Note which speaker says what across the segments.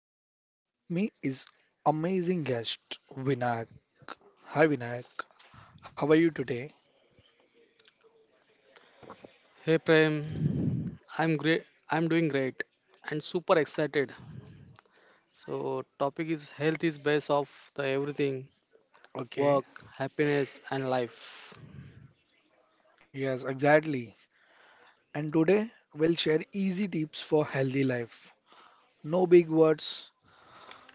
Speaker 1: Health with me is amazing guest Vinayak. Hi Vinayak. How are you today?
Speaker 2: Hey Prem, I'm great. I'm doing great and super excited. So topic is health is base of the everything, work,
Speaker 1: Okay.
Speaker 2: happiness and life.
Speaker 1: Yes, exactly. And today we'll share easy tips for healthy life. No big words,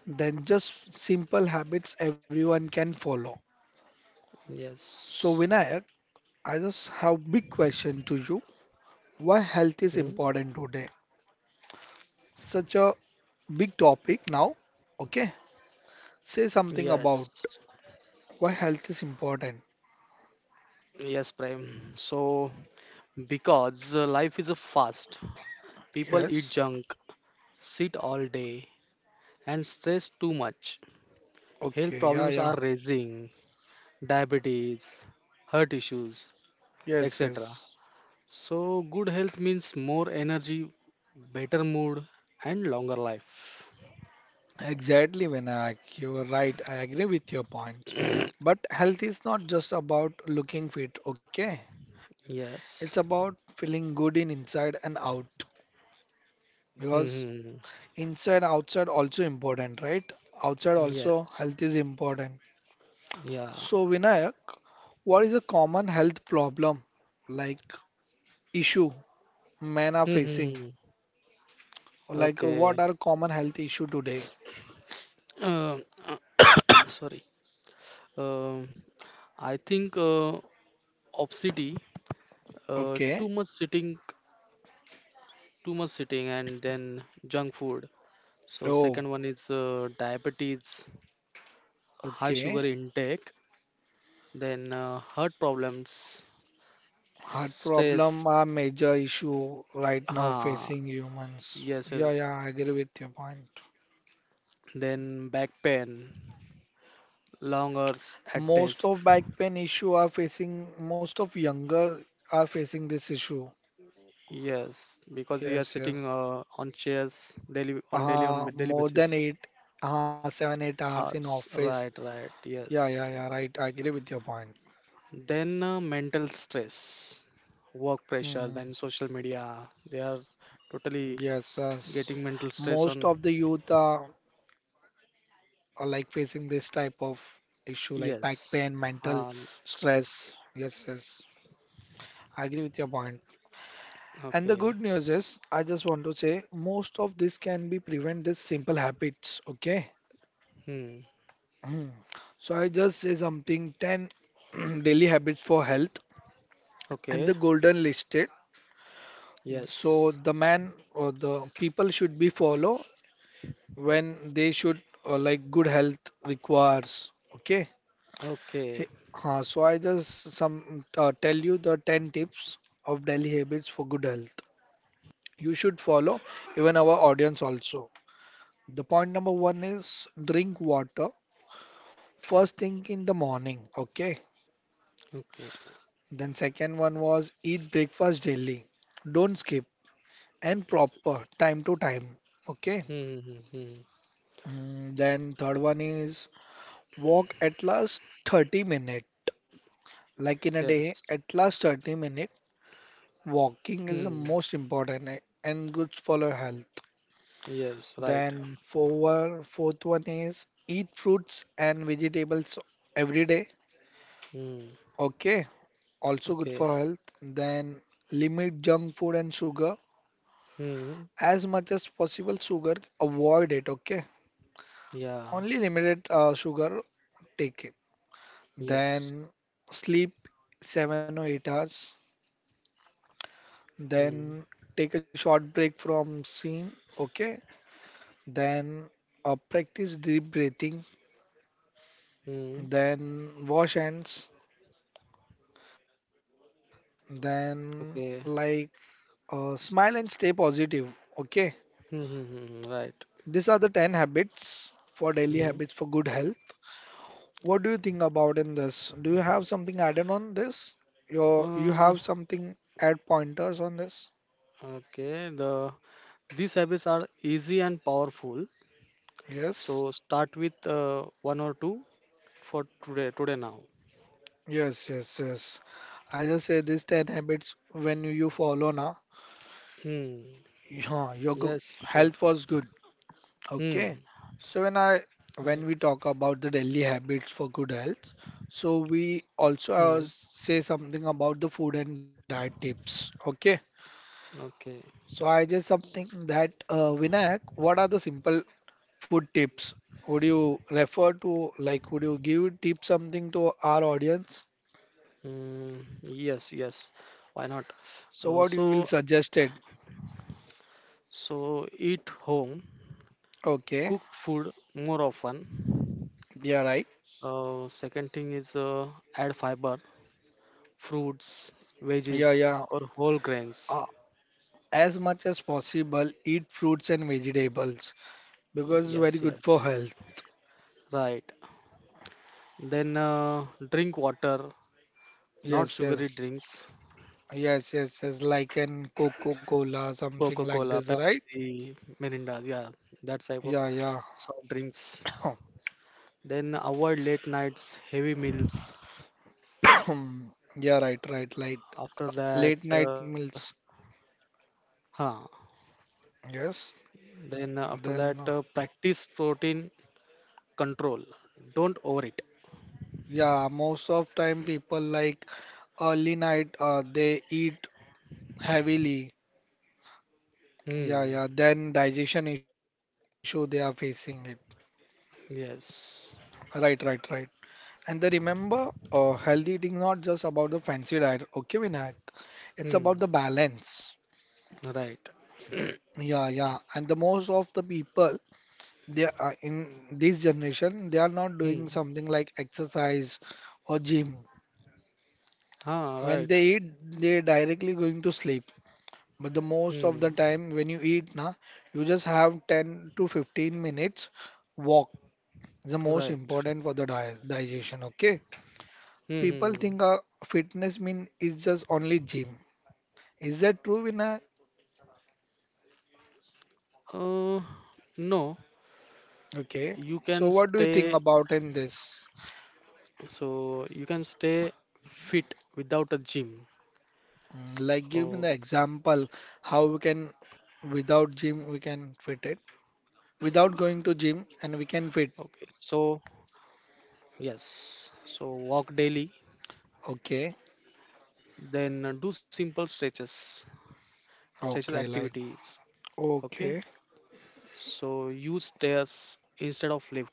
Speaker 1: then just simple habits everyone can follow. So
Speaker 2: Yes.
Speaker 1: Vinayak, I just have big question to you. Why
Speaker 2: Hmm?
Speaker 1: health is important today, such a big topic now? Okay, say something
Speaker 2: Yes.
Speaker 1: about why health is important.
Speaker 2: Yes, Prem. So because life is a fast, people eat
Speaker 1: Yes.
Speaker 2: junk, sit all day and stress too much. Health
Speaker 1: Okay.
Speaker 2: problems
Speaker 1: Yeah,
Speaker 2: are
Speaker 1: yeah.
Speaker 2: raising, diabetes, heart issues,
Speaker 1: Yes,
Speaker 2: etc.
Speaker 1: yes.
Speaker 2: So, good health means more energy, better mood, and longer life.
Speaker 1: Exactly, Vinayak, you're right, I agree with your points, but health is not just about looking fit, okay. It's
Speaker 2: Yes.
Speaker 1: about feeling good in inside and out,
Speaker 2: Hmm,
Speaker 1: because
Speaker 2: hmm. hmm.
Speaker 1: inside outside also important, right? Outside also
Speaker 2: Yes.
Speaker 1: health is important.
Speaker 2: Yeah.
Speaker 1: So, Vinayak, what is a common health problem, like issue men are
Speaker 2: Hmm. Hmm,
Speaker 1: facing?
Speaker 2: hmm, hmm.
Speaker 1: Like, what
Speaker 2: Okay.
Speaker 1: are common health issue today?
Speaker 2: Uh, sorry. Um, I think obesity,
Speaker 1: Okay.
Speaker 2: too much sitting, and then junk food. So
Speaker 1: Oh,
Speaker 2: second one is diabetes, high
Speaker 1: okay.
Speaker 2: sugar intake, then heart problems,
Speaker 1: Heart
Speaker 2: stress.
Speaker 1: problem are major issue right now
Speaker 2: Ha.
Speaker 1: facing humans.
Speaker 2: Yes,
Speaker 1: Yeah,
Speaker 2: yes.
Speaker 1: yeah, I agree with your point.
Speaker 2: Then back pain, long hours at
Speaker 1: Most
Speaker 2: desk.
Speaker 1: of back pain issue are facing, most of younger are facing this issue.
Speaker 2: Yes, because we are
Speaker 1: Yes,
Speaker 2: sitting
Speaker 1: yes.
Speaker 2: on chairs daily, on
Speaker 1: Uh,
Speaker 2: daily
Speaker 1: more than
Speaker 2: basis.
Speaker 1: eight, seven, 8 hours in
Speaker 2: Hours.
Speaker 1: office.
Speaker 2: Right, right.
Speaker 1: Yeah, yeah,
Speaker 2: Yes.
Speaker 1: yeah, right. I agree with your point.
Speaker 2: Then mental stress, work pressure,
Speaker 1: Hmm.
Speaker 2: then social media. They are totally
Speaker 1: Yes, yes.
Speaker 2: getting mental stress
Speaker 1: Most
Speaker 2: on.
Speaker 1: of the youth are like facing this type of issue like back pain, mental
Speaker 2: Yes. Um.
Speaker 1: stress. Yes, yes. I agree with your point. And the good
Speaker 2: Okay.
Speaker 1: news is, I just want to say most of this can be prevent this simple habits, okay?
Speaker 2: Hmm.
Speaker 1: Hmm. So I just say something 10 daily habits for health and
Speaker 2: Okay.
Speaker 1: the golden listed. So
Speaker 2: Yes.
Speaker 1: the man or the people should be follow when they should like good health requires, okay. Hey,
Speaker 2: Okay.
Speaker 1: so I just some tell you the 10 tips of daily habits for good health you should follow, even our audience also. The point number one is drink water first thing in the morning, okay.
Speaker 2: Okay.
Speaker 1: Then second one was eat breakfast daily, don't skip, and proper time to time, okay.
Speaker 2: Hmm, hmm, hmm, hmm.
Speaker 1: Mm, then third one is walk at least 30 minutes. Like in a
Speaker 2: Yes.
Speaker 1: day, at last 30-minute walking is the
Speaker 2: Hmm.
Speaker 1: most important, and good for our health.
Speaker 2: Yes, right.
Speaker 1: Then fourth one is eat fruits and vegetables every day.
Speaker 2: Hmm.
Speaker 1: Okay, also good
Speaker 2: Okay.
Speaker 1: for health. Then limit junk food and sugar
Speaker 2: Hmm.
Speaker 1: as much as possible. Sugar, avoid it. Okay,
Speaker 2: Yeah.
Speaker 1: only limited sugar take it.
Speaker 2: Yes.
Speaker 1: Then sleep 7 or 8 hours.
Speaker 2: Hmm.
Speaker 1: Then take a short break from scene. Okay, then practice deep breathing,
Speaker 2: Hmm.
Speaker 1: then wash hands, then like
Speaker 2: Okay.
Speaker 1: smile and stay positive. Okay,
Speaker 2: Hmm, hmm, hmm, hmm, right.
Speaker 1: these are the 10 habits for daily habits for
Speaker 2: Hmm.
Speaker 1: good health. What do you think about in this? Do you have something added on this? Your you
Speaker 2: Uh,
Speaker 1: have something add pointers on this?
Speaker 2: okay. These habits are easy and powerful.
Speaker 1: Yes,
Speaker 2: So start with one or two for today. Today now.
Speaker 1: yes, yes, yes. I just say these 10 habits when you follow now,
Speaker 2: Hmm.
Speaker 1: yeah,
Speaker 2: Yes. Sure.
Speaker 1: health was good.
Speaker 2: Hmm.
Speaker 1: Okay, so
Speaker 2: Right.
Speaker 1: when we talk about the daily habits for good health, so we
Speaker 2: Hmm.
Speaker 1: also say something about the food and diet tips. Okay,
Speaker 2: Okay.
Speaker 1: so I just something that Vinayak, what are the simple food tips? Would you give tip something to our audience?
Speaker 2: Hmm. Yes. Yes. Why not?
Speaker 1: So
Speaker 2: Uh,
Speaker 1: what you will
Speaker 2: so
Speaker 1: suggested?
Speaker 2: so eat home
Speaker 1: Okay,
Speaker 2: cooked food more often.
Speaker 1: yeah, right.
Speaker 2: Second thing is add fiber, fruits,
Speaker 1: Yeah,
Speaker 2: veggies,
Speaker 1: yeah.
Speaker 2: or whole grains.
Speaker 1: Uh, as much as possible, eat fruits and vegetables because it's
Speaker 2: Yes,
Speaker 1: very good for
Speaker 2: yes,
Speaker 1: health.
Speaker 2: right. Then drink water, not
Speaker 1: Yes,
Speaker 2: sugary
Speaker 1: yes,
Speaker 2: drinks.
Speaker 1: yes, yes, yes, like in Coca-Cola, something
Speaker 2: Coca
Speaker 1: like
Speaker 2: Cola,
Speaker 1: this, right?
Speaker 2: Pepsi, Mirinda, yeah, that type of
Speaker 1: Yeah, yeah.
Speaker 2: soft drinks. Then avoid late nights, heavy meals.
Speaker 1: Yeah, right, right, like
Speaker 2: After that,
Speaker 1: late night meals.
Speaker 2: huh.
Speaker 1: Yes,
Speaker 2: Then
Speaker 1: then,
Speaker 2: practice protein control. Don't overeat.
Speaker 1: yeah, most of time people like early night, they eat heavily. Yeah,
Speaker 2: Hmm.
Speaker 1: yeah, then digestion issue they are facing it. Right,
Speaker 2: Yes.
Speaker 1: right, right. And they remember, healthy eating not just about the fancy diet. Okay, Vinayak, it's about the
Speaker 2: Hmm.
Speaker 1: balance.
Speaker 2: Right.
Speaker 1: Yeah, yeah. And the most of the people they are in this generation, they are not
Speaker 2: Hmm.
Speaker 1: doing something like exercise or gym.
Speaker 2: Ah,
Speaker 1: When
Speaker 2: right.
Speaker 1: they eat, they directly going to sleep. But the most of the
Speaker 2: Hmm.
Speaker 1: time when you eat na, you just have 10 to 15 minutes walk. The most
Speaker 2: Right.
Speaker 1: important for the di digestion, okay? People
Speaker 2: Hmm.
Speaker 1: think fitness mean is just only gym. Is that true, Vinay?
Speaker 2: Uh, no,
Speaker 1: Okay.
Speaker 2: you
Speaker 1: So
Speaker 2: can
Speaker 1: what do you think
Speaker 2: stay.
Speaker 1: about in this?
Speaker 2: So you can stay fit without a gym.
Speaker 1: Like give me
Speaker 2: Oh,
Speaker 1: the example how we can without gym we can fit it without going to gym
Speaker 2: okay.
Speaker 1: and we can fit.
Speaker 2: So yes. So walk daily.
Speaker 1: Okay,
Speaker 2: Then do simple stretches, stretches
Speaker 1: okay, like
Speaker 2: activities. Okay.
Speaker 1: okay.
Speaker 2: So use stairs instead of lift.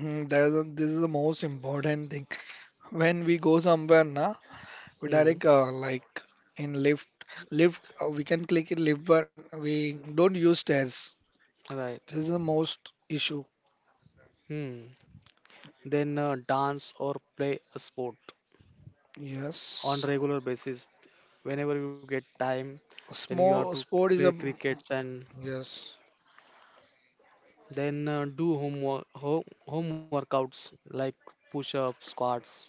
Speaker 1: Mm, that is this is the most important thing. When we go somewhere na we
Speaker 2: Hmm.
Speaker 1: direct like in lift we can click in lift but we don't use stairs. This
Speaker 2: Right.
Speaker 1: is the most issue.
Speaker 2: Hmm. Then dance or play a sport on
Speaker 1: Yes,
Speaker 2: regular basis whenever you get time, then you have to
Speaker 1: small sport
Speaker 2: play
Speaker 1: is a
Speaker 2: crickets, and
Speaker 1: yes.
Speaker 2: then do homework home workouts like push-ups squats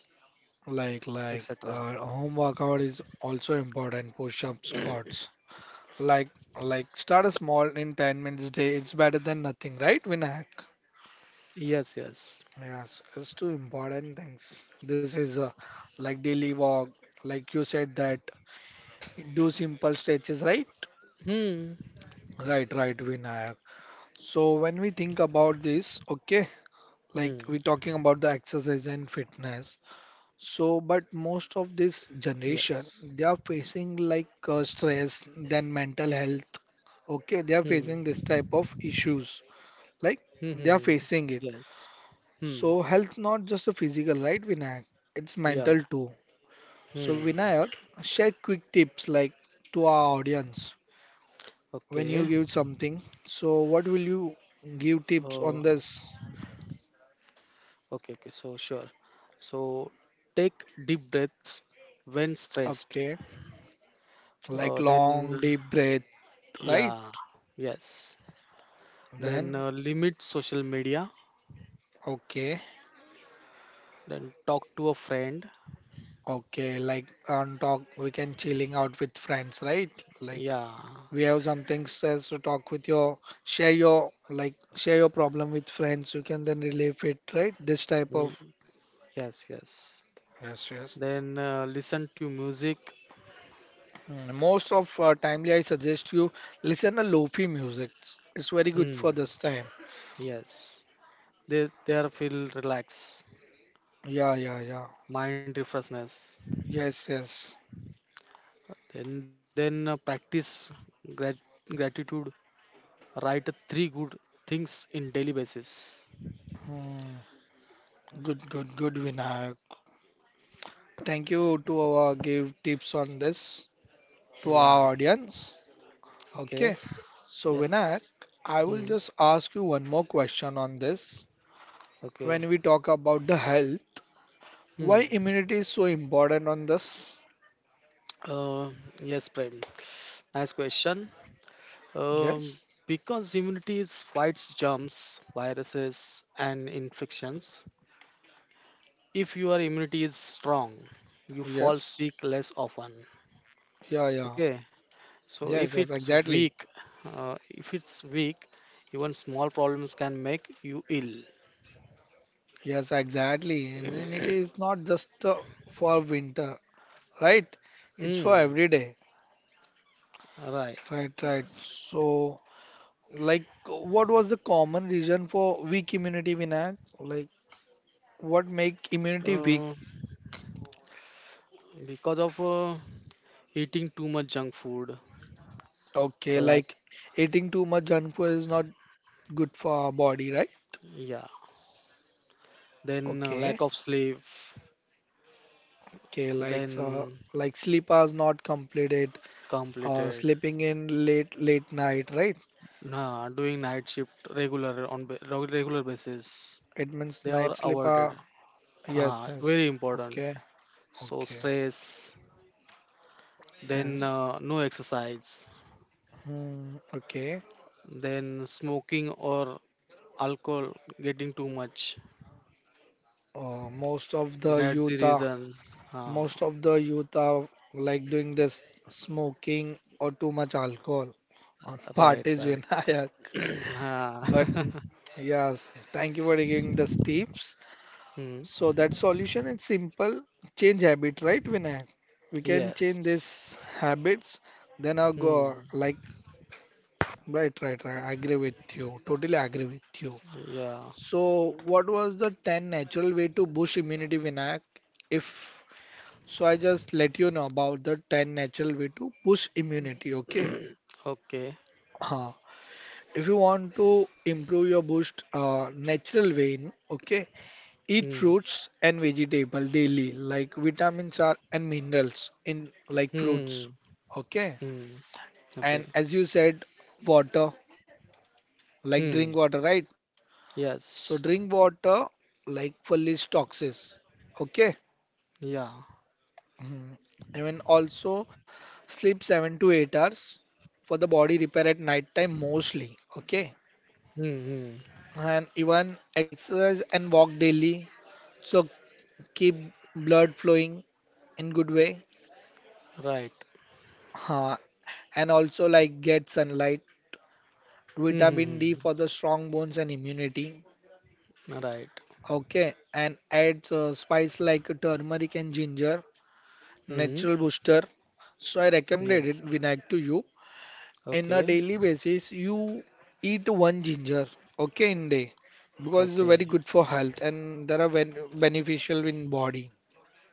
Speaker 1: Like
Speaker 2: etc.
Speaker 1: like home workout is also important. Push-up squats. Like like start a small in 10 minutes day. It's better than nothing, right, Vinayak?
Speaker 2: Yes, yes.
Speaker 1: Yes, it's two important things. This is like daily walk. Like you said that do simple stretches, right?
Speaker 2: Hmm,
Speaker 1: Right, right, Vinayak. So when we think about this, okay, like we're
Speaker 2: hmm.
Speaker 1: talking about the exercise and fitness. So, but most of
Speaker 2: Yes.
Speaker 1: this generation, they are facing like stress, then mental health. Okay, they are
Speaker 2: Hmm,
Speaker 1: facing this type of issues.
Speaker 2: hmm,
Speaker 1: Like
Speaker 2: hmm, hmm, hmm.
Speaker 1: they are facing
Speaker 2: Yes.
Speaker 1: it.
Speaker 2: Hmm.
Speaker 1: So, health not just a physical, right, Vinayak? It's
Speaker 2: Yeah.
Speaker 1: mental too. So,
Speaker 2: Hmm.
Speaker 1: Vinayak, share quick tips like to our audience when
Speaker 2: Okay.
Speaker 1: you give something. So, what will you give tips
Speaker 2: uh,
Speaker 1: on this?
Speaker 2: sure. So take deep breaths when stressed.
Speaker 1: Okay, like
Speaker 2: Then,
Speaker 1: long deep breath, right?
Speaker 2: yeah, yes. Then
Speaker 1: Then,
Speaker 2: limit social media.
Speaker 1: okay.
Speaker 2: Then talk to a friend.
Speaker 1: Okay, like on talk, we can chilling out with friends, right? Like
Speaker 2: Yeah.
Speaker 1: we have some things as to talk with your, share your, like share your problem with friends. You can then relieve it, right? This type of.
Speaker 2: Mm. Yes, yes.
Speaker 1: Yes, yes.
Speaker 2: Then listen to music.
Speaker 1: Most of timely, I suggest you listen to lofi music. It's very good
Speaker 2: Hmm.
Speaker 1: for this time.
Speaker 2: Yes. They there feel relax,
Speaker 1: Yeah, yeah, yeah.
Speaker 2: mind refreshness.
Speaker 1: Yes, yes.
Speaker 2: Then practice grat- gratitude. Write three good things in daily basis.
Speaker 1: Mm, good, good, good, Vinayak. Thank you to our give tips on this to our
Speaker 2: Yeah.
Speaker 1: audience. Okay.
Speaker 2: Okay.
Speaker 1: So, Vinayak,
Speaker 2: Yes.
Speaker 1: I will
Speaker 2: Hmm.
Speaker 1: just ask you one more question on this.
Speaker 2: Okay.
Speaker 1: When we talk about the health,
Speaker 2: Hmm.
Speaker 1: why immunity is so important on this?
Speaker 2: Uh, yes, Prem. Nice question. Um,
Speaker 1: Yes,
Speaker 2: because immunity is fights germs, viruses, and infections. If your immunity is strong, you fall
Speaker 1: yes,
Speaker 2: sick less often.
Speaker 1: yeah, yeah,
Speaker 2: Okay. So
Speaker 1: yes,
Speaker 2: if
Speaker 1: yes,
Speaker 2: it's
Speaker 1: exactly.
Speaker 2: weak, uh, if it's weak, even small problems can make you ill.
Speaker 1: Yes, exactly. Immunity is not just for winter, right? It's for
Speaker 2: Mm,
Speaker 1: every day,
Speaker 2: right.
Speaker 1: right? Right. So, like, what was the common reason for weak immunity, Vinayak? Like, what make immunity
Speaker 2: Uh,
Speaker 1: weak?
Speaker 2: because of eating too much junk food,
Speaker 1: Okay,
Speaker 2: like
Speaker 1: like eating too much junk food is not good for our body, right?
Speaker 2: yeah, then
Speaker 1: Okay,
Speaker 2: lack of sleep,
Speaker 1: okay,
Speaker 2: then
Speaker 1: like sleep hours not completed,
Speaker 2: completed
Speaker 1: sleeping in late night, right?
Speaker 2: nah, doing night shift regular on regular basis,
Speaker 1: It means
Speaker 2: they are
Speaker 1: night sleep
Speaker 2: avoided.
Speaker 1: hour. Yes,
Speaker 2: Ah,
Speaker 1: yes.
Speaker 2: very important.
Speaker 1: Okay,
Speaker 2: So
Speaker 1: okay,
Speaker 2: stress, then
Speaker 1: yes.
Speaker 2: no exercise,
Speaker 1: Hmm, okay.
Speaker 2: then smoking or alcohol getting too much.
Speaker 1: Uh, most of the
Speaker 2: That's the
Speaker 1: youth are
Speaker 2: reason. Ah,
Speaker 1: most of the youth are like doing this smoking or too much alcohol on
Speaker 2: right,
Speaker 1: parties
Speaker 2: right.
Speaker 1: when I.
Speaker 2: Ah.
Speaker 1: But yes, thank you for giving the tips.
Speaker 2: Hmm.
Speaker 1: So that solution is simple. Change habit, right, Vinay? We can change
Speaker 2: Yes.
Speaker 1: these habits. Then I'll go
Speaker 2: Hmm.
Speaker 1: like right, right, right. I agree with you. Totally agree with you.
Speaker 2: Yeah.
Speaker 1: So what was the 10 natural way to boost immunity, Vinayak? If so, I just let you know about the 10 natural way to boost immunity. Okay.
Speaker 2: Okay.
Speaker 1: Huh. If you want to improve your boost natural vein, okay, eat
Speaker 2: Hmm.
Speaker 1: fruits and vegetable daily, like vitamins are and minerals in like
Speaker 2: Hmm.
Speaker 1: fruits. Okay.
Speaker 2: Hmm, hmm, okay.
Speaker 1: And as you said, water, like drink
Speaker 2: Hmm.
Speaker 1: water, right? So
Speaker 2: Yes.
Speaker 1: drink water like fully toxins. Okay.
Speaker 2: Yeah.
Speaker 1: Mhm. Even also sleep 7 to 8 hours for the body repair at night time mostly. Okay.
Speaker 2: Mm-hmm.
Speaker 1: And even exercise and walk daily. So keep blood flowing in good way.
Speaker 2: Right.
Speaker 1: Ha and also like get sunlight, vitamin D
Speaker 2: Mm-hmm.
Speaker 1: for the strong bones and immunity.
Speaker 2: Right.
Speaker 1: Okay, and adds spice like turmeric and ginger,
Speaker 2: Mm-hmm.
Speaker 1: natural booster. So I recommended it
Speaker 2: Yes.
Speaker 1: Vinayak to you. In a
Speaker 2: Okay.
Speaker 1: daily basis, you eat one ginger, okay, in day because it's very
Speaker 2: Okay.
Speaker 1: good for health and there are beneficial in body.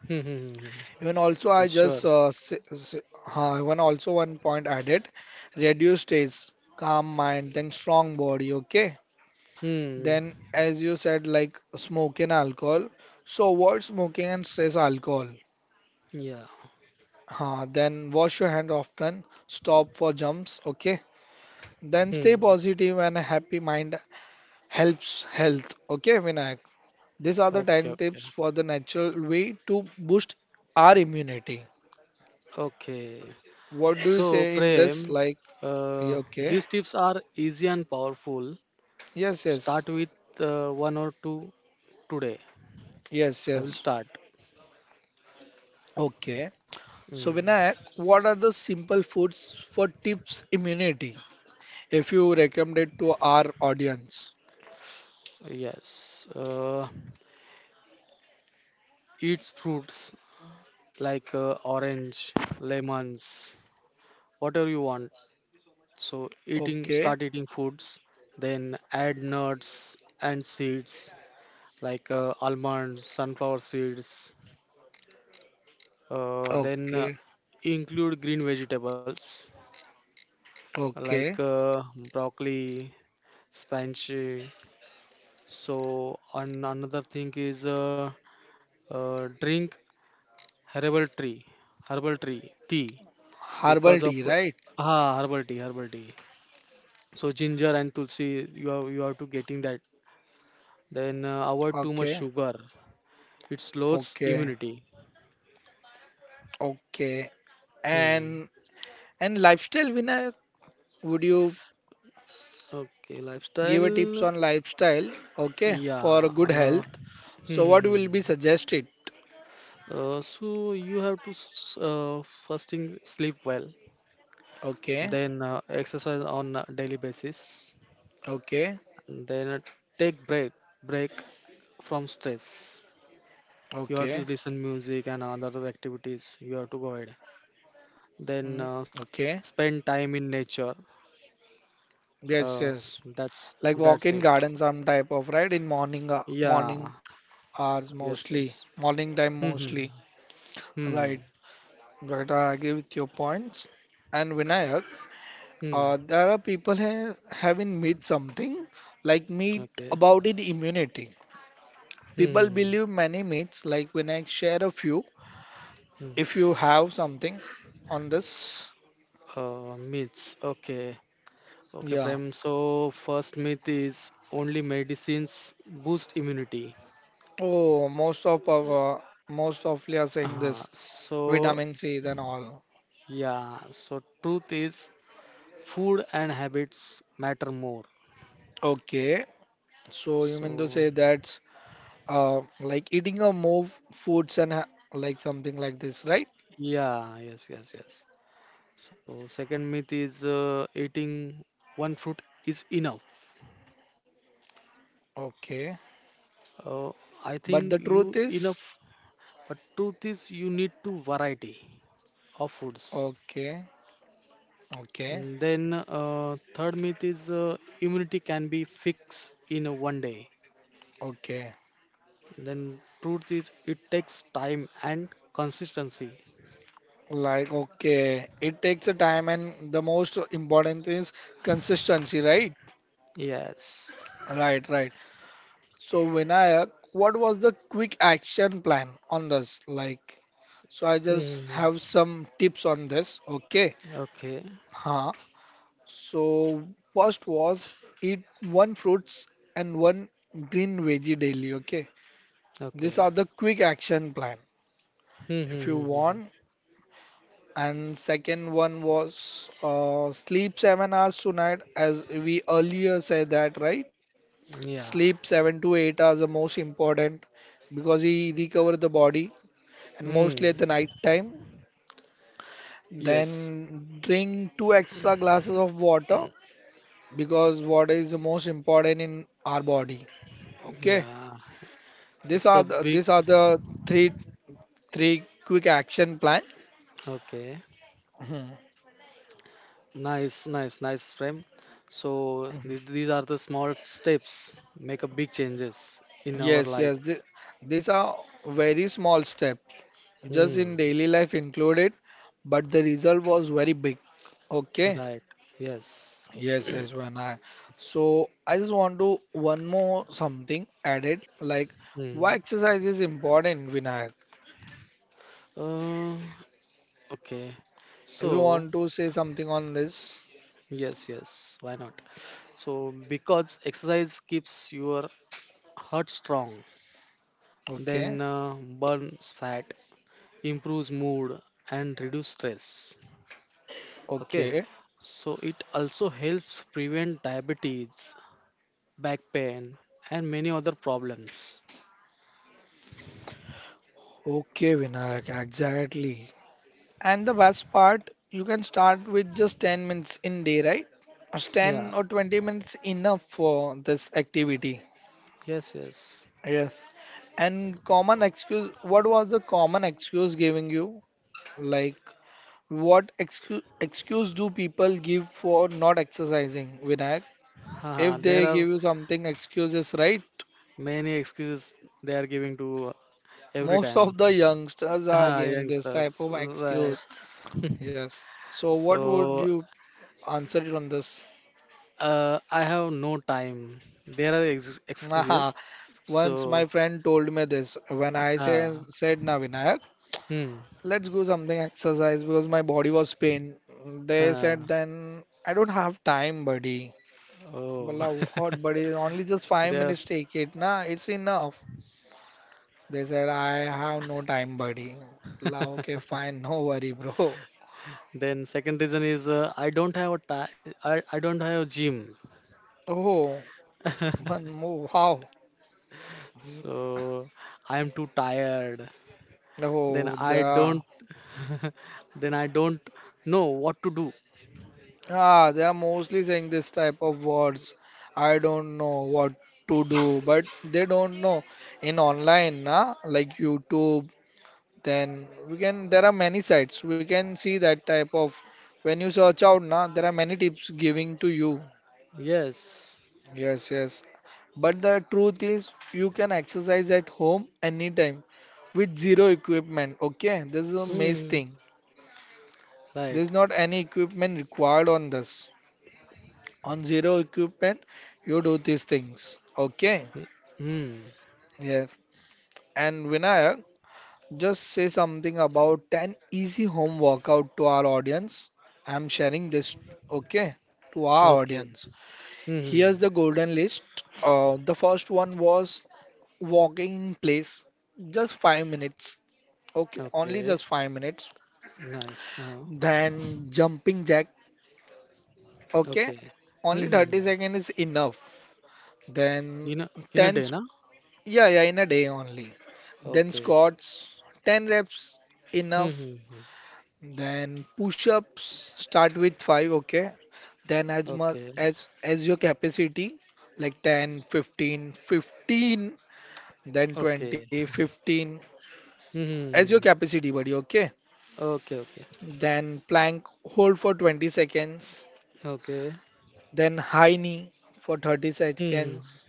Speaker 2: Mm-hmm.
Speaker 1: Even also, I
Speaker 2: Yes, sure.
Speaker 1: just s s even also one point added, reduce stress, calm mind, then strong body. Okay,
Speaker 2: Mm.
Speaker 1: then, as you said, like smoke and alcohol. So avoid smoking and stress alcohol.
Speaker 2: Yeah.
Speaker 1: Then wash your hand often. Stop for jumps. Okay.
Speaker 2: Hmm.
Speaker 1: Then stay positive and a happy mind helps health. Okay, Vinayak. These are the
Speaker 2: Okay.
Speaker 1: 10
Speaker 2: Okay.
Speaker 1: tips for the natural way to boost our immunity.
Speaker 2: Okay.
Speaker 1: What do you
Speaker 2: So,
Speaker 1: say in this?
Speaker 2: Prem,
Speaker 1: Like, yeah,
Speaker 2: uh,
Speaker 1: okay.
Speaker 2: these tips are easy and powerful.
Speaker 1: Yes, yes.
Speaker 2: Start with one or two today.
Speaker 1: Yes,
Speaker 2: I will
Speaker 1: yes.
Speaker 2: start.
Speaker 1: Okay. So,
Speaker 2: Mm,
Speaker 1: Vinayak, what are the simple foods for tips immunity, if you recommend it to our audience?
Speaker 2: yes. Eat fruits like orange, lemons, whatever you want. So eating,
Speaker 1: Okay,
Speaker 2: start eating foods, then add nuts and seeds like almonds, sunflower seeds. Then
Speaker 1: okay,
Speaker 2: Include green vegetables like
Speaker 1: okay.
Speaker 2: broccoli, spinach. So and another thing is drink herbal tea, tea
Speaker 1: Herbal
Speaker 2: because of
Speaker 1: tea, right?
Speaker 2: herbal tea. So ginger and tulsi, you have to getting that. Then avoid too much
Speaker 1: Okay,
Speaker 2: sugar. It slows
Speaker 1: okay,
Speaker 2: immunity.
Speaker 1: okay.
Speaker 2: Hmm.
Speaker 1: And and lifestyle, Vinay, would you
Speaker 2: Okay,
Speaker 1: give a tips
Speaker 2: lifestyle.
Speaker 1: on lifestyle? Okay,
Speaker 2: Yeah.
Speaker 1: for good
Speaker 2: Uh,
Speaker 1: health.
Speaker 2: hmm.
Speaker 1: So
Speaker 2: hmm,
Speaker 1: what
Speaker 2: hmm.
Speaker 1: will be suggested?
Speaker 2: So you have to fasting sleep well,
Speaker 1: Okay,
Speaker 2: then exercise on a daily basis,
Speaker 1: okay,
Speaker 2: then take break from stress. You have
Speaker 1: okay,
Speaker 2: to listen music and other activities. You have to go ahead.
Speaker 1: mm,
Speaker 2: Then
Speaker 1: okay.
Speaker 2: spend time in nature.
Speaker 1: Yes, yes.
Speaker 2: Uh,
Speaker 1: Like walk in
Speaker 2: that's
Speaker 1: garden,
Speaker 2: it.
Speaker 1: some type of right in morning, morning,
Speaker 2: Yeah.
Speaker 1: hours mostly,
Speaker 2: Yes, yes.
Speaker 1: morning time
Speaker 2: Hmm,
Speaker 1: mostly.
Speaker 2: hmm,
Speaker 1: Right.
Speaker 2: hmm,
Speaker 1: Right, I agree with your points. And Vinayak,
Speaker 2: hmm, hmm.
Speaker 1: there are people ha having myth something like myth
Speaker 2: Okay.
Speaker 1: about it immunity. People
Speaker 2: Hmm,
Speaker 1: believe
Speaker 2: hmm,
Speaker 1: many myths. Like Vinayak, share a few
Speaker 2: hmm, hmm.
Speaker 1: if you have something on this.
Speaker 2: Myths. Okay. Okay,
Speaker 1: Yeah.
Speaker 2: Prem. So first myth is only medicines boost immunity.
Speaker 1: Oh, most of you are saying this
Speaker 2: Uh, so
Speaker 1: vitamin C then all.
Speaker 2: yeah. So truth is food and habits matter more.
Speaker 1: Okay. So you mean to
Speaker 2: So
Speaker 1: say that's uh like eating a more foods and ha like something like this, right?
Speaker 2: yeah. Yes, yes, yes. So second myth is eating one fruit is enough.
Speaker 1: Okay.
Speaker 2: Uh, I
Speaker 1: But
Speaker 2: think
Speaker 1: the
Speaker 2: you
Speaker 1: truth is.
Speaker 2: enough. But truth is, you need to variety of foods.
Speaker 1: Okay, okay,
Speaker 2: Mm. Then third myth is immunity can be fixed in a one day.
Speaker 1: okay.
Speaker 2: Then truth is, it takes time and consistency.
Speaker 1: Like, okay, it takes a time, and the most important is consistency, right?
Speaker 2: Yes.
Speaker 1: Right, right. So, Vinayak, what was the quick action plan on this? Like, so I just
Speaker 2: Hmm.
Speaker 1: have some tips on this, okay?
Speaker 2: Okay.
Speaker 1: Huh. So, first was eat one fruits and one green veggie daily, okay?
Speaker 2: Okay.
Speaker 1: These are the quick action plan. If you
Speaker 2: Mm-hmm.
Speaker 1: want, and second one was sleep 7 hours tonight, as we earlier said that, right?
Speaker 2: Yeah.
Speaker 1: Sleep 7 to 8 hours are most important because he recovers the body and mostly
Speaker 2: Mm.
Speaker 1: at the night time.
Speaker 2: Yes.
Speaker 1: Then drink two extra glasses of water because water is the most important in our body. Okay,
Speaker 2: Yeah.
Speaker 1: these
Speaker 2: It's
Speaker 1: are
Speaker 2: a
Speaker 1: the,
Speaker 2: big.
Speaker 1: these are the three three quick action plan.
Speaker 2: Okay.
Speaker 1: Mhm.
Speaker 2: Nice, nice, nice frame. So these are the small steps make a big changes in our
Speaker 1: Yes,
Speaker 2: life.
Speaker 1: yes, these are very small step just in
Speaker 2: Mm,
Speaker 1: daily life included, but the result was very big. Okay.
Speaker 2: right. Yes.
Speaker 1: Yes, yes, when I. So I just want to one more something added, like why
Speaker 2: Mm.
Speaker 1: exercise is important, Vinayak.
Speaker 2: Uh, okay.
Speaker 1: If you
Speaker 2: So
Speaker 1: want to say something on this,
Speaker 2: yes, yes. Why not? So because exercise keeps your heart strong,
Speaker 1: okay,
Speaker 2: then burns fat, improves mood, and reduce stress. Okay.
Speaker 1: okay,
Speaker 2: So it also helps prevent diabetes, back pain, and many other problems.
Speaker 1: okay, Vinayak, exactly. And the best part, you can start with just 10 minutes in day, right? Just
Speaker 2: Yeah,
Speaker 1: 10 or 20 minutes enough for this activity.
Speaker 2: yes, yes.
Speaker 1: Yes. And common excuse, what was the common excuse giving you? Like, what excuse do people give for not exercising, Vinayak?
Speaker 2: Haha,
Speaker 1: If
Speaker 2: there
Speaker 1: they
Speaker 2: are
Speaker 1: give you something, excuses, right?
Speaker 2: many excuses they are giving to every
Speaker 1: Most
Speaker 2: time.
Speaker 1: of the youngsters are
Speaker 2: Ah,
Speaker 1: giving this type
Speaker 2: youngsters,
Speaker 1: of
Speaker 2: right.
Speaker 1: excuse. Yes. So what would
Speaker 2: So,
Speaker 1: you answer it on this?
Speaker 2: I have no time. There are ex
Speaker 1: Nah,
Speaker 2: excuses.
Speaker 1: once
Speaker 2: So,
Speaker 1: my friend told me this when I say,
Speaker 2: ah,
Speaker 1: said, "Na Vinayak,
Speaker 2: hmm,
Speaker 1: let's go something exercise because my body was pain. They said
Speaker 2: ah,
Speaker 1: then I don't have time, buddy.
Speaker 2: oh.
Speaker 1: Bola, what, buddy? Only just five
Speaker 2: There,
Speaker 1: minutes take it, nah, it's enough. They said I have no time, buddy. Bola, okay, fine, no worry, bro.
Speaker 2: then second reason is I don't have a I don't have a gym.
Speaker 1: Oh, one more, wow. Mm,
Speaker 2: So, I am too tired. Then
Speaker 1: oh, they
Speaker 2: I
Speaker 1: are,
Speaker 2: don't Then I don't know what to do.
Speaker 1: ah, they are mostly saying this type of words. I don't know what to do, but they don't know in online, na, like YouTube. Then we can there are many sites we can see that type of when you search out na there are many tips giving to you.
Speaker 2: Yes.
Speaker 1: Yes, yes, but the truth is you can exercise at home anytime with zero equipment, okay? This is a maze
Speaker 2: Hmm.
Speaker 1: thing. There
Speaker 2: Right.
Speaker 1: is not any equipment required on this. On zero equipment you do these things, okay?
Speaker 2: Hmm.
Speaker 1: Yeah. And Vinayak, just say something about 10 easy home workout to our audience. I'm sharing this, okay, to our
Speaker 2: Okay.
Speaker 1: audience.
Speaker 2: Hmm.
Speaker 1: Here's the golden list. The first one was walking in place, just 5 minutes, okay, only
Speaker 2: Okay.
Speaker 1: just 5 minutes.
Speaker 2: Nice.
Speaker 1: Then jumping jack, okay,
Speaker 2: Okay. Hmm,
Speaker 1: only
Speaker 2: hmm,
Speaker 1: 30
Speaker 2: hmm.
Speaker 1: seconds is enough. Then
Speaker 2: In a
Speaker 1: 10,
Speaker 2: day,
Speaker 1: sq-
Speaker 2: na?
Speaker 1: yeah, yeah, in a day only. Then
Speaker 2: Okay.
Speaker 1: squats, 10 reps,
Speaker 2: Hmm,
Speaker 1: enough.
Speaker 2: hmm, hmm.
Speaker 1: Then push-ups start with 5, okay? Then as
Speaker 2: Okay.
Speaker 1: much as as your capacity like 10, 15, 15, then
Speaker 2: Okay.
Speaker 1: 20, 15,
Speaker 2: Hmm,
Speaker 1: as your
Speaker 2: hmm, hmm.
Speaker 1: capacity buddy, okay?
Speaker 2: Okay. Okay.
Speaker 1: Then plank hold for 20 seconds,
Speaker 2: Okay.
Speaker 1: then high knee for 30
Speaker 2: Hmm, hmm,
Speaker 1: seconds.
Speaker 2: hmm.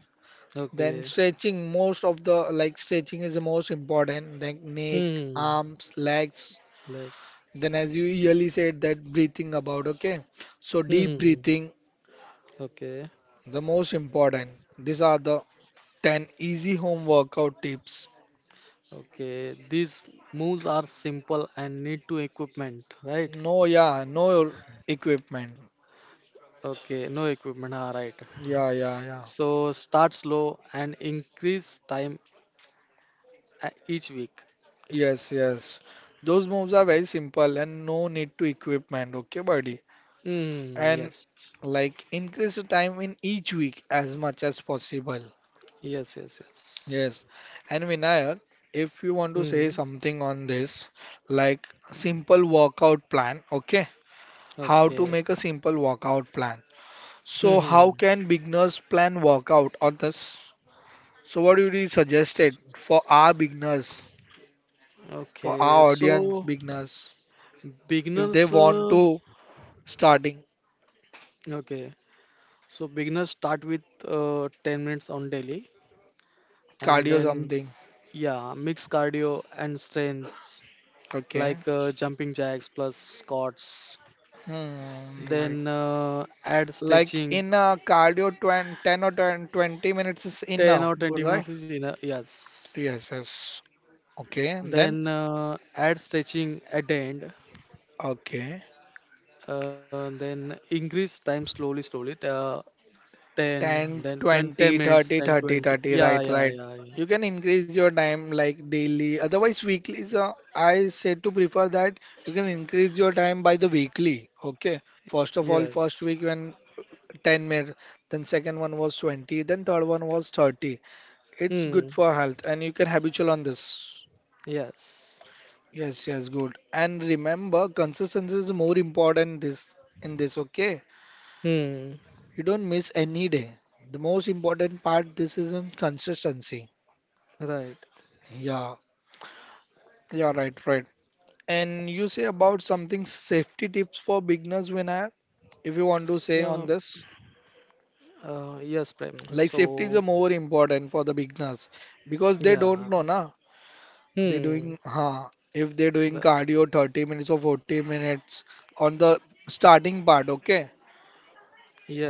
Speaker 1: Then
Speaker 2: Okay.
Speaker 1: stretching most of the like stretching is the most important. Then neck,
Speaker 2: Hmm.
Speaker 1: arms, legs.
Speaker 2: Legs.
Speaker 1: Then as you yearly said that breathing about, okay? So deep
Speaker 2: Hmm.
Speaker 1: breathing
Speaker 2: Okay.
Speaker 1: the most important, these are the 10 easy home workout tips.
Speaker 2: Okay, these moves are simple and need to equipment, right?
Speaker 1: No, yeah, no equipment.
Speaker 2: Okay, no equipment, all right.
Speaker 1: Yeah, yeah, yeah.
Speaker 2: So start slow and increase time each week.
Speaker 1: Yes, yes. Those moves are very simple and no need to equipment, okay, buddy?
Speaker 2: Mm,
Speaker 1: And
Speaker 2: yes,
Speaker 1: like increase the time in each week as much as possible.
Speaker 2: yes, yes, yes.
Speaker 1: Yes. And Vinayak, if you want to
Speaker 2: Mm,
Speaker 1: say something on this, like simple workout plan, okay? How to
Speaker 2: okay.
Speaker 1: make a simple workout plan. So
Speaker 2: Mm-hmm.
Speaker 1: how can beginners plan workout on this? So what would you suggest it for our beginners, for
Speaker 2: Okay,
Speaker 1: our audience
Speaker 2: so
Speaker 1: beginners, if they
Speaker 2: beginners,
Speaker 1: want
Speaker 2: uh,
Speaker 1: to starting
Speaker 2: okay, so beginners start with 10 minutes on daily and
Speaker 1: cardio
Speaker 2: then,
Speaker 1: something?
Speaker 2: yeah, mix cardio and strength
Speaker 1: Okay.
Speaker 2: like jumping jacks plus squats.
Speaker 1: Hmm, like
Speaker 2: Then add
Speaker 1: like
Speaker 2: stretching.
Speaker 1: in a cardio 20, 10 or 10 20 minutes is
Speaker 2: 10
Speaker 1: enough,
Speaker 2: or 20
Speaker 1: right?
Speaker 2: minutes is enough. Yes.
Speaker 1: Yes, yes. Okay, then
Speaker 2: Then add stretching at the end.
Speaker 1: okay.
Speaker 2: Then increase time slowly, slowly. 10,
Speaker 1: 10
Speaker 2: then 20, ten
Speaker 1: 20
Speaker 2: minutes,
Speaker 1: 30
Speaker 2: then
Speaker 1: 30
Speaker 2: 20.
Speaker 1: 30,
Speaker 2: Yeah,
Speaker 1: right,
Speaker 2: yeah,
Speaker 1: right,
Speaker 2: yeah, yeah.
Speaker 1: you can increase your time like daily otherwise weekly. So I said to prefer that you can increase your time by the weekly, okay? First of all, first
Speaker 2: Yes.
Speaker 1: week when 10 minutes, then second one was 20, then third one was 30. It's good
Speaker 2: Hmm.
Speaker 1: for health and you can habitual on this.
Speaker 2: Yes.
Speaker 1: Yes, yes, good. And remember, consistency is more important this, in this, okay?
Speaker 2: Hmm.
Speaker 1: You don't miss any day. The most important part this is in consistency.
Speaker 2: Right.
Speaker 1: Yeah, yeah, right, right. And you say about something safety tips for beginners, Vinay, if you want to say
Speaker 2: Uh,
Speaker 1: on this.
Speaker 2: yes, Prem.
Speaker 1: Like safety is a
Speaker 2: So,
Speaker 1: more important for the beginners because they
Speaker 2: yeah.
Speaker 1: don't know, na. They
Speaker 2: Hmm.
Speaker 1: doing, huh? If they're doing
Speaker 2: Ri-.
Speaker 1: cardio 30 minutes or 40 minutes on the starting part, okay.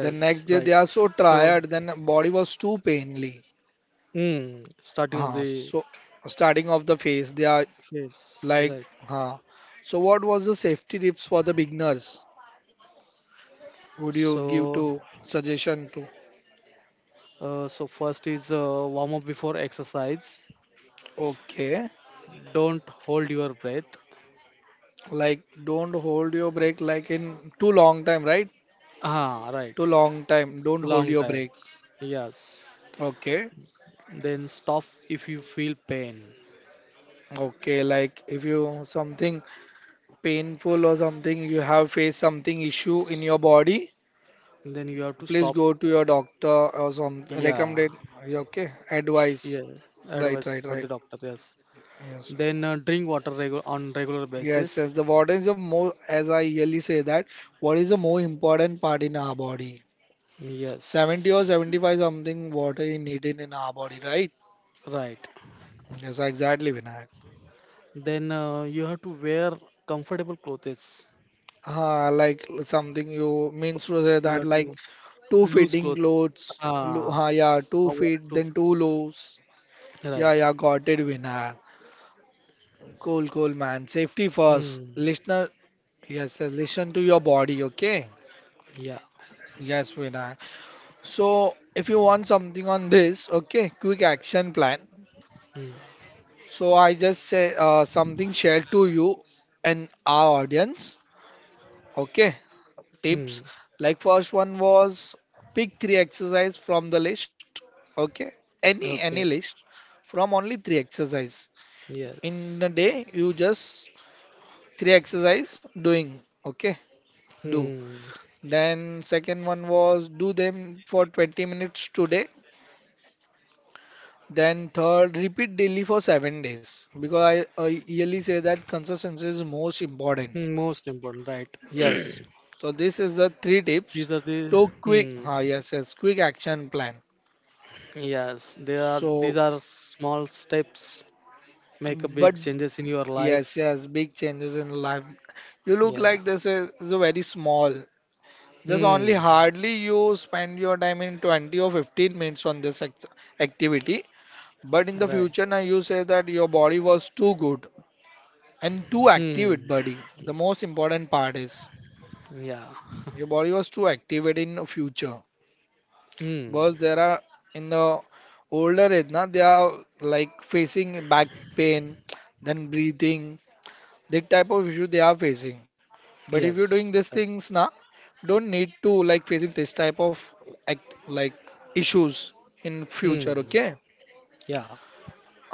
Speaker 1: The next
Speaker 2: right.
Speaker 1: day they are so
Speaker 2: So,
Speaker 1: tired, then body was too painly.
Speaker 2: mm, starting of
Speaker 1: Huh?
Speaker 2: the
Speaker 1: So starting off the phase, they are
Speaker 2: phase,
Speaker 1: like,
Speaker 2: right.
Speaker 1: huh? So what was the safety tips for the beginners? Would you give
Speaker 2: So,
Speaker 1: to suggestion to?
Speaker 2: so first is warm up before exercise.
Speaker 1: Okay,
Speaker 2: Don't hold your breath.
Speaker 1: like don't hold your break like in too long time, right?
Speaker 2: Ah, right.
Speaker 1: Too long time. Don't hold
Speaker 2: Long
Speaker 1: your
Speaker 2: time.
Speaker 1: break.
Speaker 2: Yes.
Speaker 1: Okay.
Speaker 2: Then stop if you feel pain.
Speaker 1: Okay, like if you something painful or something you have faced something issue in your body,
Speaker 2: Then you have to
Speaker 1: please
Speaker 2: stop.
Speaker 1: go to your doctor or some
Speaker 2: Yeah.
Speaker 1: recommended okay advice.
Speaker 2: Yeah.
Speaker 1: Right,
Speaker 2: Advice
Speaker 1: right,
Speaker 2: for the
Speaker 1: right.
Speaker 2: doctor. Yes.
Speaker 1: Yes.
Speaker 2: Then on regular
Speaker 1: Yes, yes.
Speaker 2: basis.
Speaker 1: The what is the more as I really say that, what is the more important part in our body? 70
Speaker 2: Yes.
Speaker 1: or 75 something water is needed in our body, right?
Speaker 2: Right.
Speaker 1: Yes, exactly, Vinayak.
Speaker 2: Then you have to wear comfortable clothes.
Speaker 1: Like something you means to say
Speaker 2: You
Speaker 1: that
Speaker 2: have
Speaker 1: like
Speaker 2: to.
Speaker 1: two
Speaker 2: Loose
Speaker 1: fitting
Speaker 2: clothes.
Speaker 1: clothes, lo
Speaker 2: Ah,
Speaker 1: yeah, two
Speaker 2: our
Speaker 1: feet,
Speaker 2: to
Speaker 1: then two lows. Yeah,
Speaker 2: right.
Speaker 1: yeah, got it, Vinayak. Cool, cool, man. Safety first.
Speaker 2: Hmm.
Speaker 1: Listener, yes, listen to your body, okay?
Speaker 2: Yeah.
Speaker 1: Yes, Vinayak. So, if you want something on this, okay, quick action plan.
Speaker 2: Hmm.
Speaker 1: So, I just say something shared to you and our audience. Okay, tips.
Speaker 2: Hmm.
Speaker 1: Like first one was pick three exercise from the list. Okay, any
Speaker 2: Okay.
Speaker 1: list from only three exercise. In a
Speaker 2: Yes.
Speaker 1: day, you just three exercise doing. Okay, do.
Speaker 2: Hmm.
Speaker 1: Then second one was do them for 20 minutes today. Then third, repeat daily for 7 days because I yearly say that consistency is most important.
Speaker 2: Hmm, most important. Right.
Speaker 1: Yes. So this is the three tips
Speaker 2: These are the.
Speaker 1: to quick,
Speaker 2: Hmm.
Speaker 1: ah, yes, yes, quick action plan.
Speaker 2: Yes. They are. These
Speaker 1: So,
Speaker 2: are small steps. Make a big
Speaker 1: but
Speaker 2: changes in your
Speaker 1: yes,
Speaker 2: life.
Speaker 1: yes, big changes in life. You look
Speaker 2: Yeah.
Speaker 1: like this is a very small. Just only
Speaker 2: Hmm.
Speaker 1: hardly you spend your time in 20 or 15 minutes on this activity. But in the
Speaker 2: Right.
Speaker 1: future now you say that your body was too good and too active,
Speaker 2: Hmm.
Speaker 1: buddy. The most important part is
Speaker 2: Yeah.
Speaker 1: your body was too active in future.
Speaker 2: Hmm.
Speaker 1: Because there are in the older age, na, they are like facing back pain, then breathing, that type of issue they are facing. But if you're doing
Speaker 2: Yes.
Speaker 1: these
Speaker 2: Right.
Speaker 1: things, na, don't need to like facing this type of act like issues in future,
Speaker 2: Hmm.
Speaker 1: okay?
Speaker 2: Yeah.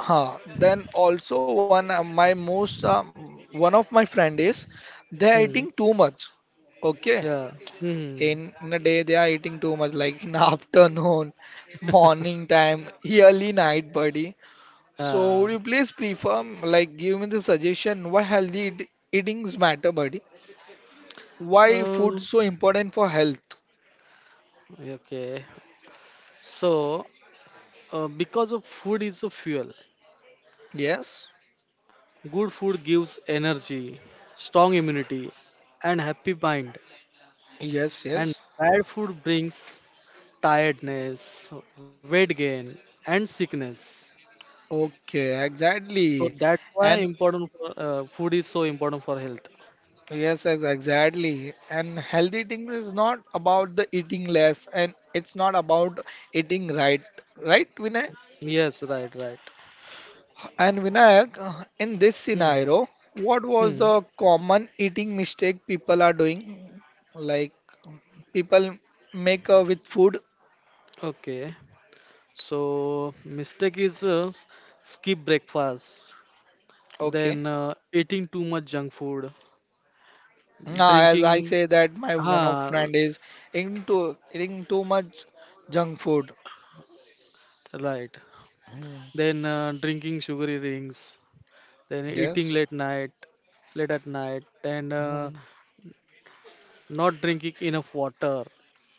Speaker 1: Huh. Then also one my most one of my friend is they're eating
Speaker 2: Hmm.
Speaker 1: too much. Okay,
Speaker 2: Yeah. Hmm.
Speaker 1: in a day they are eating too much like in afternoon morning time early night buddy. So
Speaker 2: Uh,
Speaker 1: would you please prefer like give me the suggestion why healthy eatings matter buddy? Why
Speaker 2: uh,
Speaker 1: food so important for health?
Speaker 2: Okay, so because of food is a fuel,
Speaker 1: Yes,
Speaker 2: good food gives energy, strong immunity, and happy mind.
Speaker 1: yes,
Speaker 2: And
Speaker 1: yes.
Speaker 2: bad food brings tiredness, weight gain, and sickness.
Speaker 1: Okay,
Speaker 2: So
Speaker 1: exactly.
Speaker 2: that's why
Speaker 1: And
Speaker 2: important for, food is so important for health.
Speaker 1: yes, exactly, and healthy eating is not about the eating less, and it's not about eating right, right Vinay.
Speaker 2: Yes, right, right.
Speaker 1: And Vinayak, in this
Speaker 2: Hmm.
Speaker 1: scenario, what was
Speaker 2: Hmm.
Speaker 1: the common eating mistake people are doing? Like um, people make with food.
Speaker 2: Okay. So mistake is skip breakfast,
Speaker 1: Okay.
Speaker 2: then eating too much junk food,
Speaker 1: Now, as I
Speaker 2: drinking
Speaker 1: say that my one of
Speaker 2: Ah, l-
Speaker 1: friend is into eating too much junk food.
Speaker 2: right.
Speaker 1: Hmm,
Speaker 2: Then drinking sugary drinks, then
Speaker 1: yes.
Speaker 2: late at night, and
Speaker 1: Hmm.
Speaker 2: not drinking enough water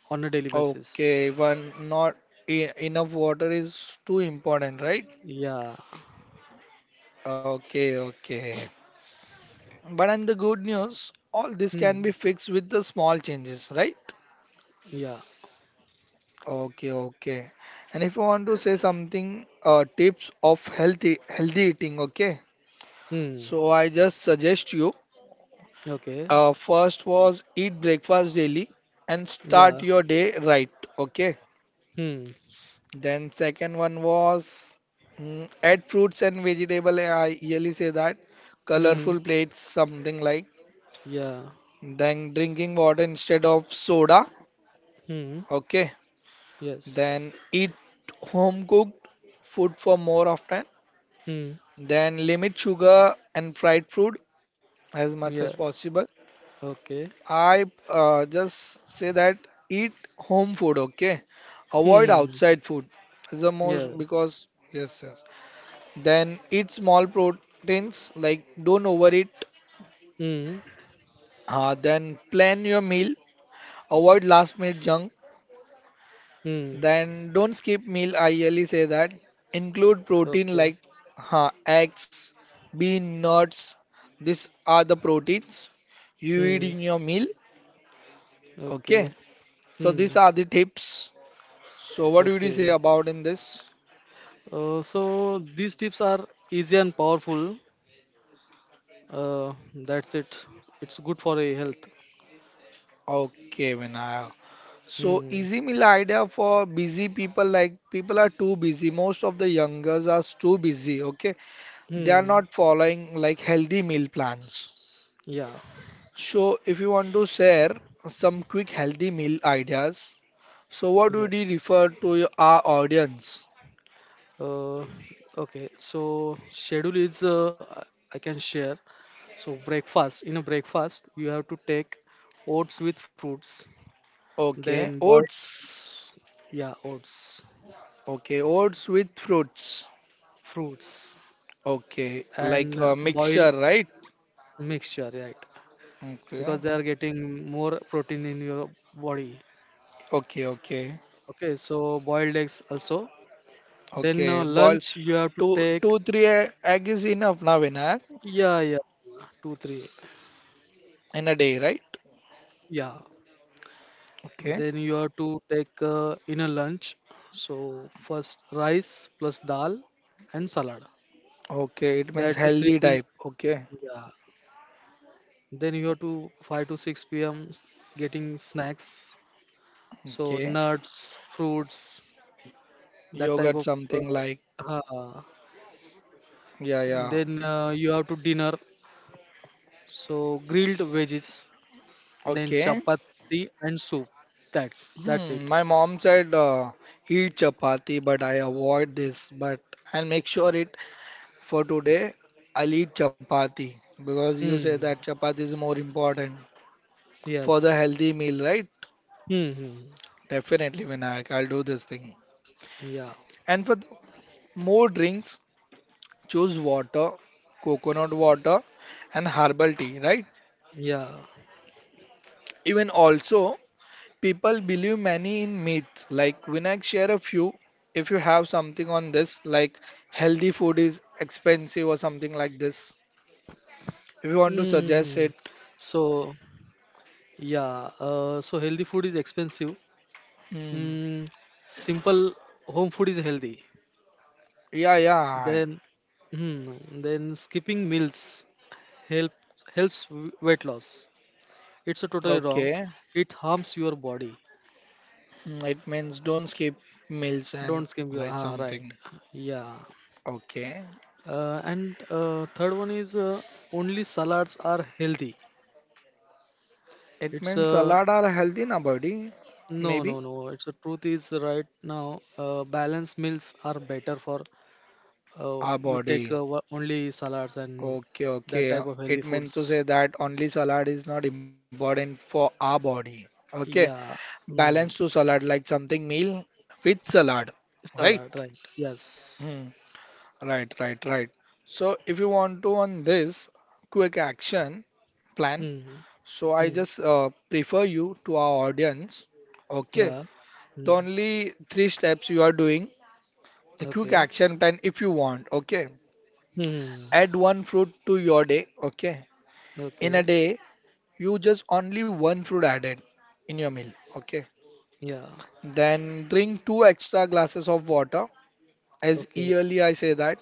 Speaker 2: on a daily basis.
Speaker 1: Okay. One not e enough water is too important, right?
Speaker 2: Yeah.
Speaker 1: Okay. Okay. But and the good news, all this can
Speaker 2: Hmm.
Speaker 1: be fixed with the small changes, right?
Speaker 2: Yeah.
Speaker 1: Okay, okay. And if you want to say something, tips of healthy eating, okay?
Speaker 2: Hmm.
Speaker 1: So I just suggest you,
Speaker 2: Okay.
Speaker 1: first was eat breakfast daily and
Speaker 2: Yeah.
Speaker 1: start your day right, okay?
Speaker 2: Hmm.
Speaker 1: Then second one was add fruits and vegetable. I yearly say that colorful
Speaker 2: Hmm.
Speaker 1: plates, something like.
Speaker 2: Yeah.
Speaker 1: Then drinking water instead of soda,
Speaker 2: Hmm.
Speaker 1: okay? Then
Speaker 2: Yes.
Speaker 1: eat home cooked food for more often.
Speaker 2: Hmm.
Speaker 1: Then limit sugar and fried food as much as
Speaker 2: Yeah.
Speaker 1: possible.
Speaker 2: Okay.
Speaker 1: I just say that eat home food, okay? Avoid
Speaker 2: Hmm.
Speaker 1: outside food is the most
Speaker 2: Yeah.
Speaker 1: because yes, yes. Then eat small proteins like don't overeat.
Speaker 2: Hmm.
Speaker 1: Then plan your meal. Avoid last minute junk.
Speaker 2: Hmm.
Speaker 1: Then don't skip meal. I really say that include protein
Speaker 2: Okay.
Speaker 1: like huh, eggs, bean, nuts. These are the proteins you eat
Speaker 2: Hmm.
Speaker 1: in your meal.
Speaker 2: Okay.
Speaker 1: Okay, so these
Speaker 2: Hmm.
Speaker 1: are the tips. So what would you say
Speaker 2: Okay.
Speaker 1: about in this?
Speaker 2: So these tips are easy and powerful. That's it. It's good for a health.
Speaker 1: Okay, Vinaya. So
Speaker 2: Hmm.
Speaker 1: easy meal idea for busy people like people are too busy. Most of the youngers are too busy. Okay, they are
Speaker 2: Hmm.
Speaker 1: not following like healthy meal plans.
Speaker 2: Yeah.
Speaker 1: So, if you want to share some quick healthy meal ideas, so what would you
Speaker 2: Yes.
Speaker 1: refer to your, our audience?
Speaker 2: Uh, okay. So schedule is I can share. So breakfast. In a breakfast, you have to take oats with fruits.
Speaker 1: Okay,
Speaker 2: Then boil.
Speaker 1: oats.
Speaker 2: Yeah, oats,
Speaker 1: Okay, oats with fruits.
Speaker 2: fruits,
Speaker 1: Okay,
Speaker 2: and
Speaker 1: like a
Speaker 2: boil
Speaker 1: mixture, right?
Speaker 2: mixture. Right,
Speaker 1: Okay,
Speaker 2: because they are getting more protein in your body.
Speaker 1: okay, okay,
Speaker 2: Okay, so boiled eggs also. Then
Speaker 1: okay. Boil
Speaker 2: lunch you have to take.
Speaker 1: three egg is enough now, Vinayak,
Speaker 2: Yeah, yeah, two three,
Speaker 1: in a day, right?
Speaker 2: yeah.
Speaker 1: Okay,
Speaker 2: Then you have to take inner lunch. So first rice plus dal and salad.
Speaker 1: okay. It means
Speaker 2: That's the three
Speaker 1: healthy
Speaker 2: things.
Speaker 1: type. Okay,
Speaker 2: Yeah. Then you have to five to six p.m. getting snacks. So
Speaker 1: okay.
Speaker 2: nuts, fruits, that type
Speaker 1: Yogurt,
Speaker 2: of.
Speaker 1: something like,
Speaker 2: Uh, uh,
Speaker 1: yeah, yeah.
Speaker 2: then You have to dinner. So grilled veggies, then
Speaker 1: Okay.
Speaker 2: chapati and soup. That's it.
Speaker 1: Hmm, my mom said eat chapati, but I avoid this. But I'll make sure it for today. I'll eat chapati because you say
Speaker 2: Hmm.
Speaker 1: that chapati is more important for the
Speaker 2: Yes.
Speaker 1: healthy meal, right?
Speaker 2: Hmm, hmm.
Speaker 1: Definitely, Vinayak, I'll do this thing.
Speaker 2: Yeah.
Speaker 1: And for more drinks, choose water, coconut water, and herbal tea, right?
Speaker 2: Yeah.
Speaker 1: Even also people believe many in myths. Like Vinayak, share a few if you have something on this, like healthy food is expensive or something like this. If you want to
Speaker 2: Mm.
Speaker 1: suggest it,
Speaker 2: So yeah, so healthy food is expensive.
Speaker 1: hmm.
Speaker 2: Mm, simple home food is healthy.
Speaker 1: Yeah, yeah.
Speaker 2: Then, hmm, then skipping meals help helps weight loss. It's a totally wrong.
Speaker 1: Okay.
Speaker 2: It harms your body.
Speaker 1: Hmm, it means don't skip meals and
Speaker 2: Don't skip your.
Speaker 1: like
Speaker 2: Ah, right.
Speaker 1: something.
Speaker 2: Yeah.
Speaker 1: Okay.
Speaker 2: And Third one is only salads are healthy.
Speaker 1: It
Speaker 2: It's
Speaker 1: means salad are healthy na body.
Speaker 2: no,
Speaker 1: Maybe
Speaker 2: no, no. It's a truth is right now. Balanced meals are better for
Speaker 1: our
Speaker 2: you take
Speaker 1: body.
Speaker 2: only salads and
Speaker 1: Okay,
Speaker 2: that
Speaker 1: okay.
Speaker 2: type of healthy
Speaker 1: It means to
Speaker 2: foods.
Speaker 1: say that only salad is not important for our body. Okay.
Speaker 2: Yeah,
Speaker 1: Balance to
Speaker 2: mm.
Speaker 1: salad, like something meal with salad, right?
Speaker 2: Salad, right? Yes.
Speaker 1: Hmm. Right, right, right. So if you want to on this quick action plan,
Speaker 2: Mm.
Speaker 1: so I
Speaker 2: Mm.
Speaker 1: just prefer you to our audience. Okay.
Speaker 2: Yeah.
Speaker 1: The
Speaker 2: Mm.
Speaker 1: only three steps you are doing, the quick
Speaker 2: Okay.
Speaker 1: action plan if you want. Okay.
Speaker 2: Mm.
Speaker 1: Add one fruit to your day. Okay. In a
Speaker 2: Okay.
Speaker 1: day, you just only one fruit added in your meal. Okay.
Speaker 2: Yeah.
Speaker 1: Then drink two extra glasses of water. As
Speaker 2: Okay.
Speaker 1: yearly I say that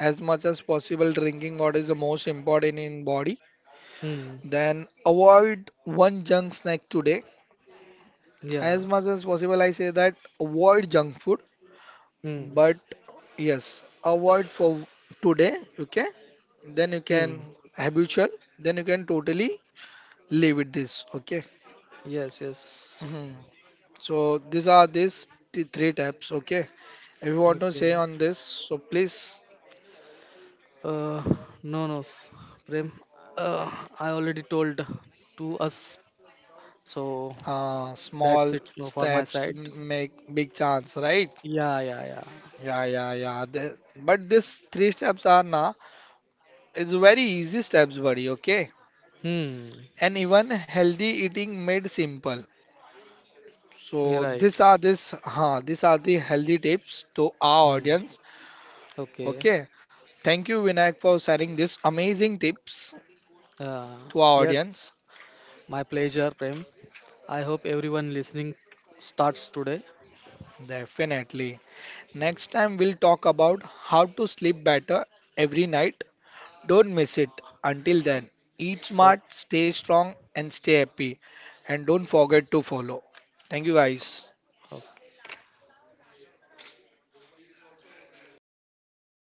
Speaker 1: as much as possible drinking water is the most important in body.
Speaker 2: Mm.
Speaker 1: Then avoid one junk snack today.
Speaker 2: Yeah.
Speaker 1: As much as possible I say that avoid junk food.
Speaker 2: Mm.
Speaker 1: But yes, avoid for today. Okay. Then you can
Speaker 2: Mm.
Speaker 1: habitual. Then you can totally leave it this. Okay.
Speaker 2: Yes. Yes.
Speaker 1: Mhm. So these are these three tabs. Okay. If you want to say
Speaker 2: Okay.
Speaker 1: on this, so please.
Speaker 2: Uh, no, no, s- Prem. Uh, I already told to us, so
Speaker 1: Uh,
Speaker 2: that's
Speaker 1: small
Speaker 2: it no, for my
Speaker 1: steps
Speaker 2: side.
Speaker 1: make big chance, right?
Speaker 2: Yeah, yeah, yeah.
Speaker 1: Yeah, yeah, yeah. But this three steps are na, it's very easy steps, buddy. Okay,
Speaker 2: Hmm.
Speaker 1: and even healthy eating made simple.
Speaker 2: You're
Speaker 1: So
Speaker 2: right.
Speaker 1: these are this, huh, these are the healthy tips to our
Speaker 2: Hmm.
Speaker 1: audience.
Speaker 2: Okay.
Speaker 1: Okay, thank you Vinayak for sharing these amazing tips
Speaker 2: Uh,
Speaker 1: to our
Speaker 2: yes,
Speaker 1: audience.
Speaker 2: my pleasure, Prem. I hope everyone listening starts today.
Speaker 1: Definitely. Next time we'll talk about how to sleep better every night. Don't miss it. Until then, eat smart, stay strong, and stay happy. And don't forget to follow. Thank you, guys.
Speaker 2: Okay.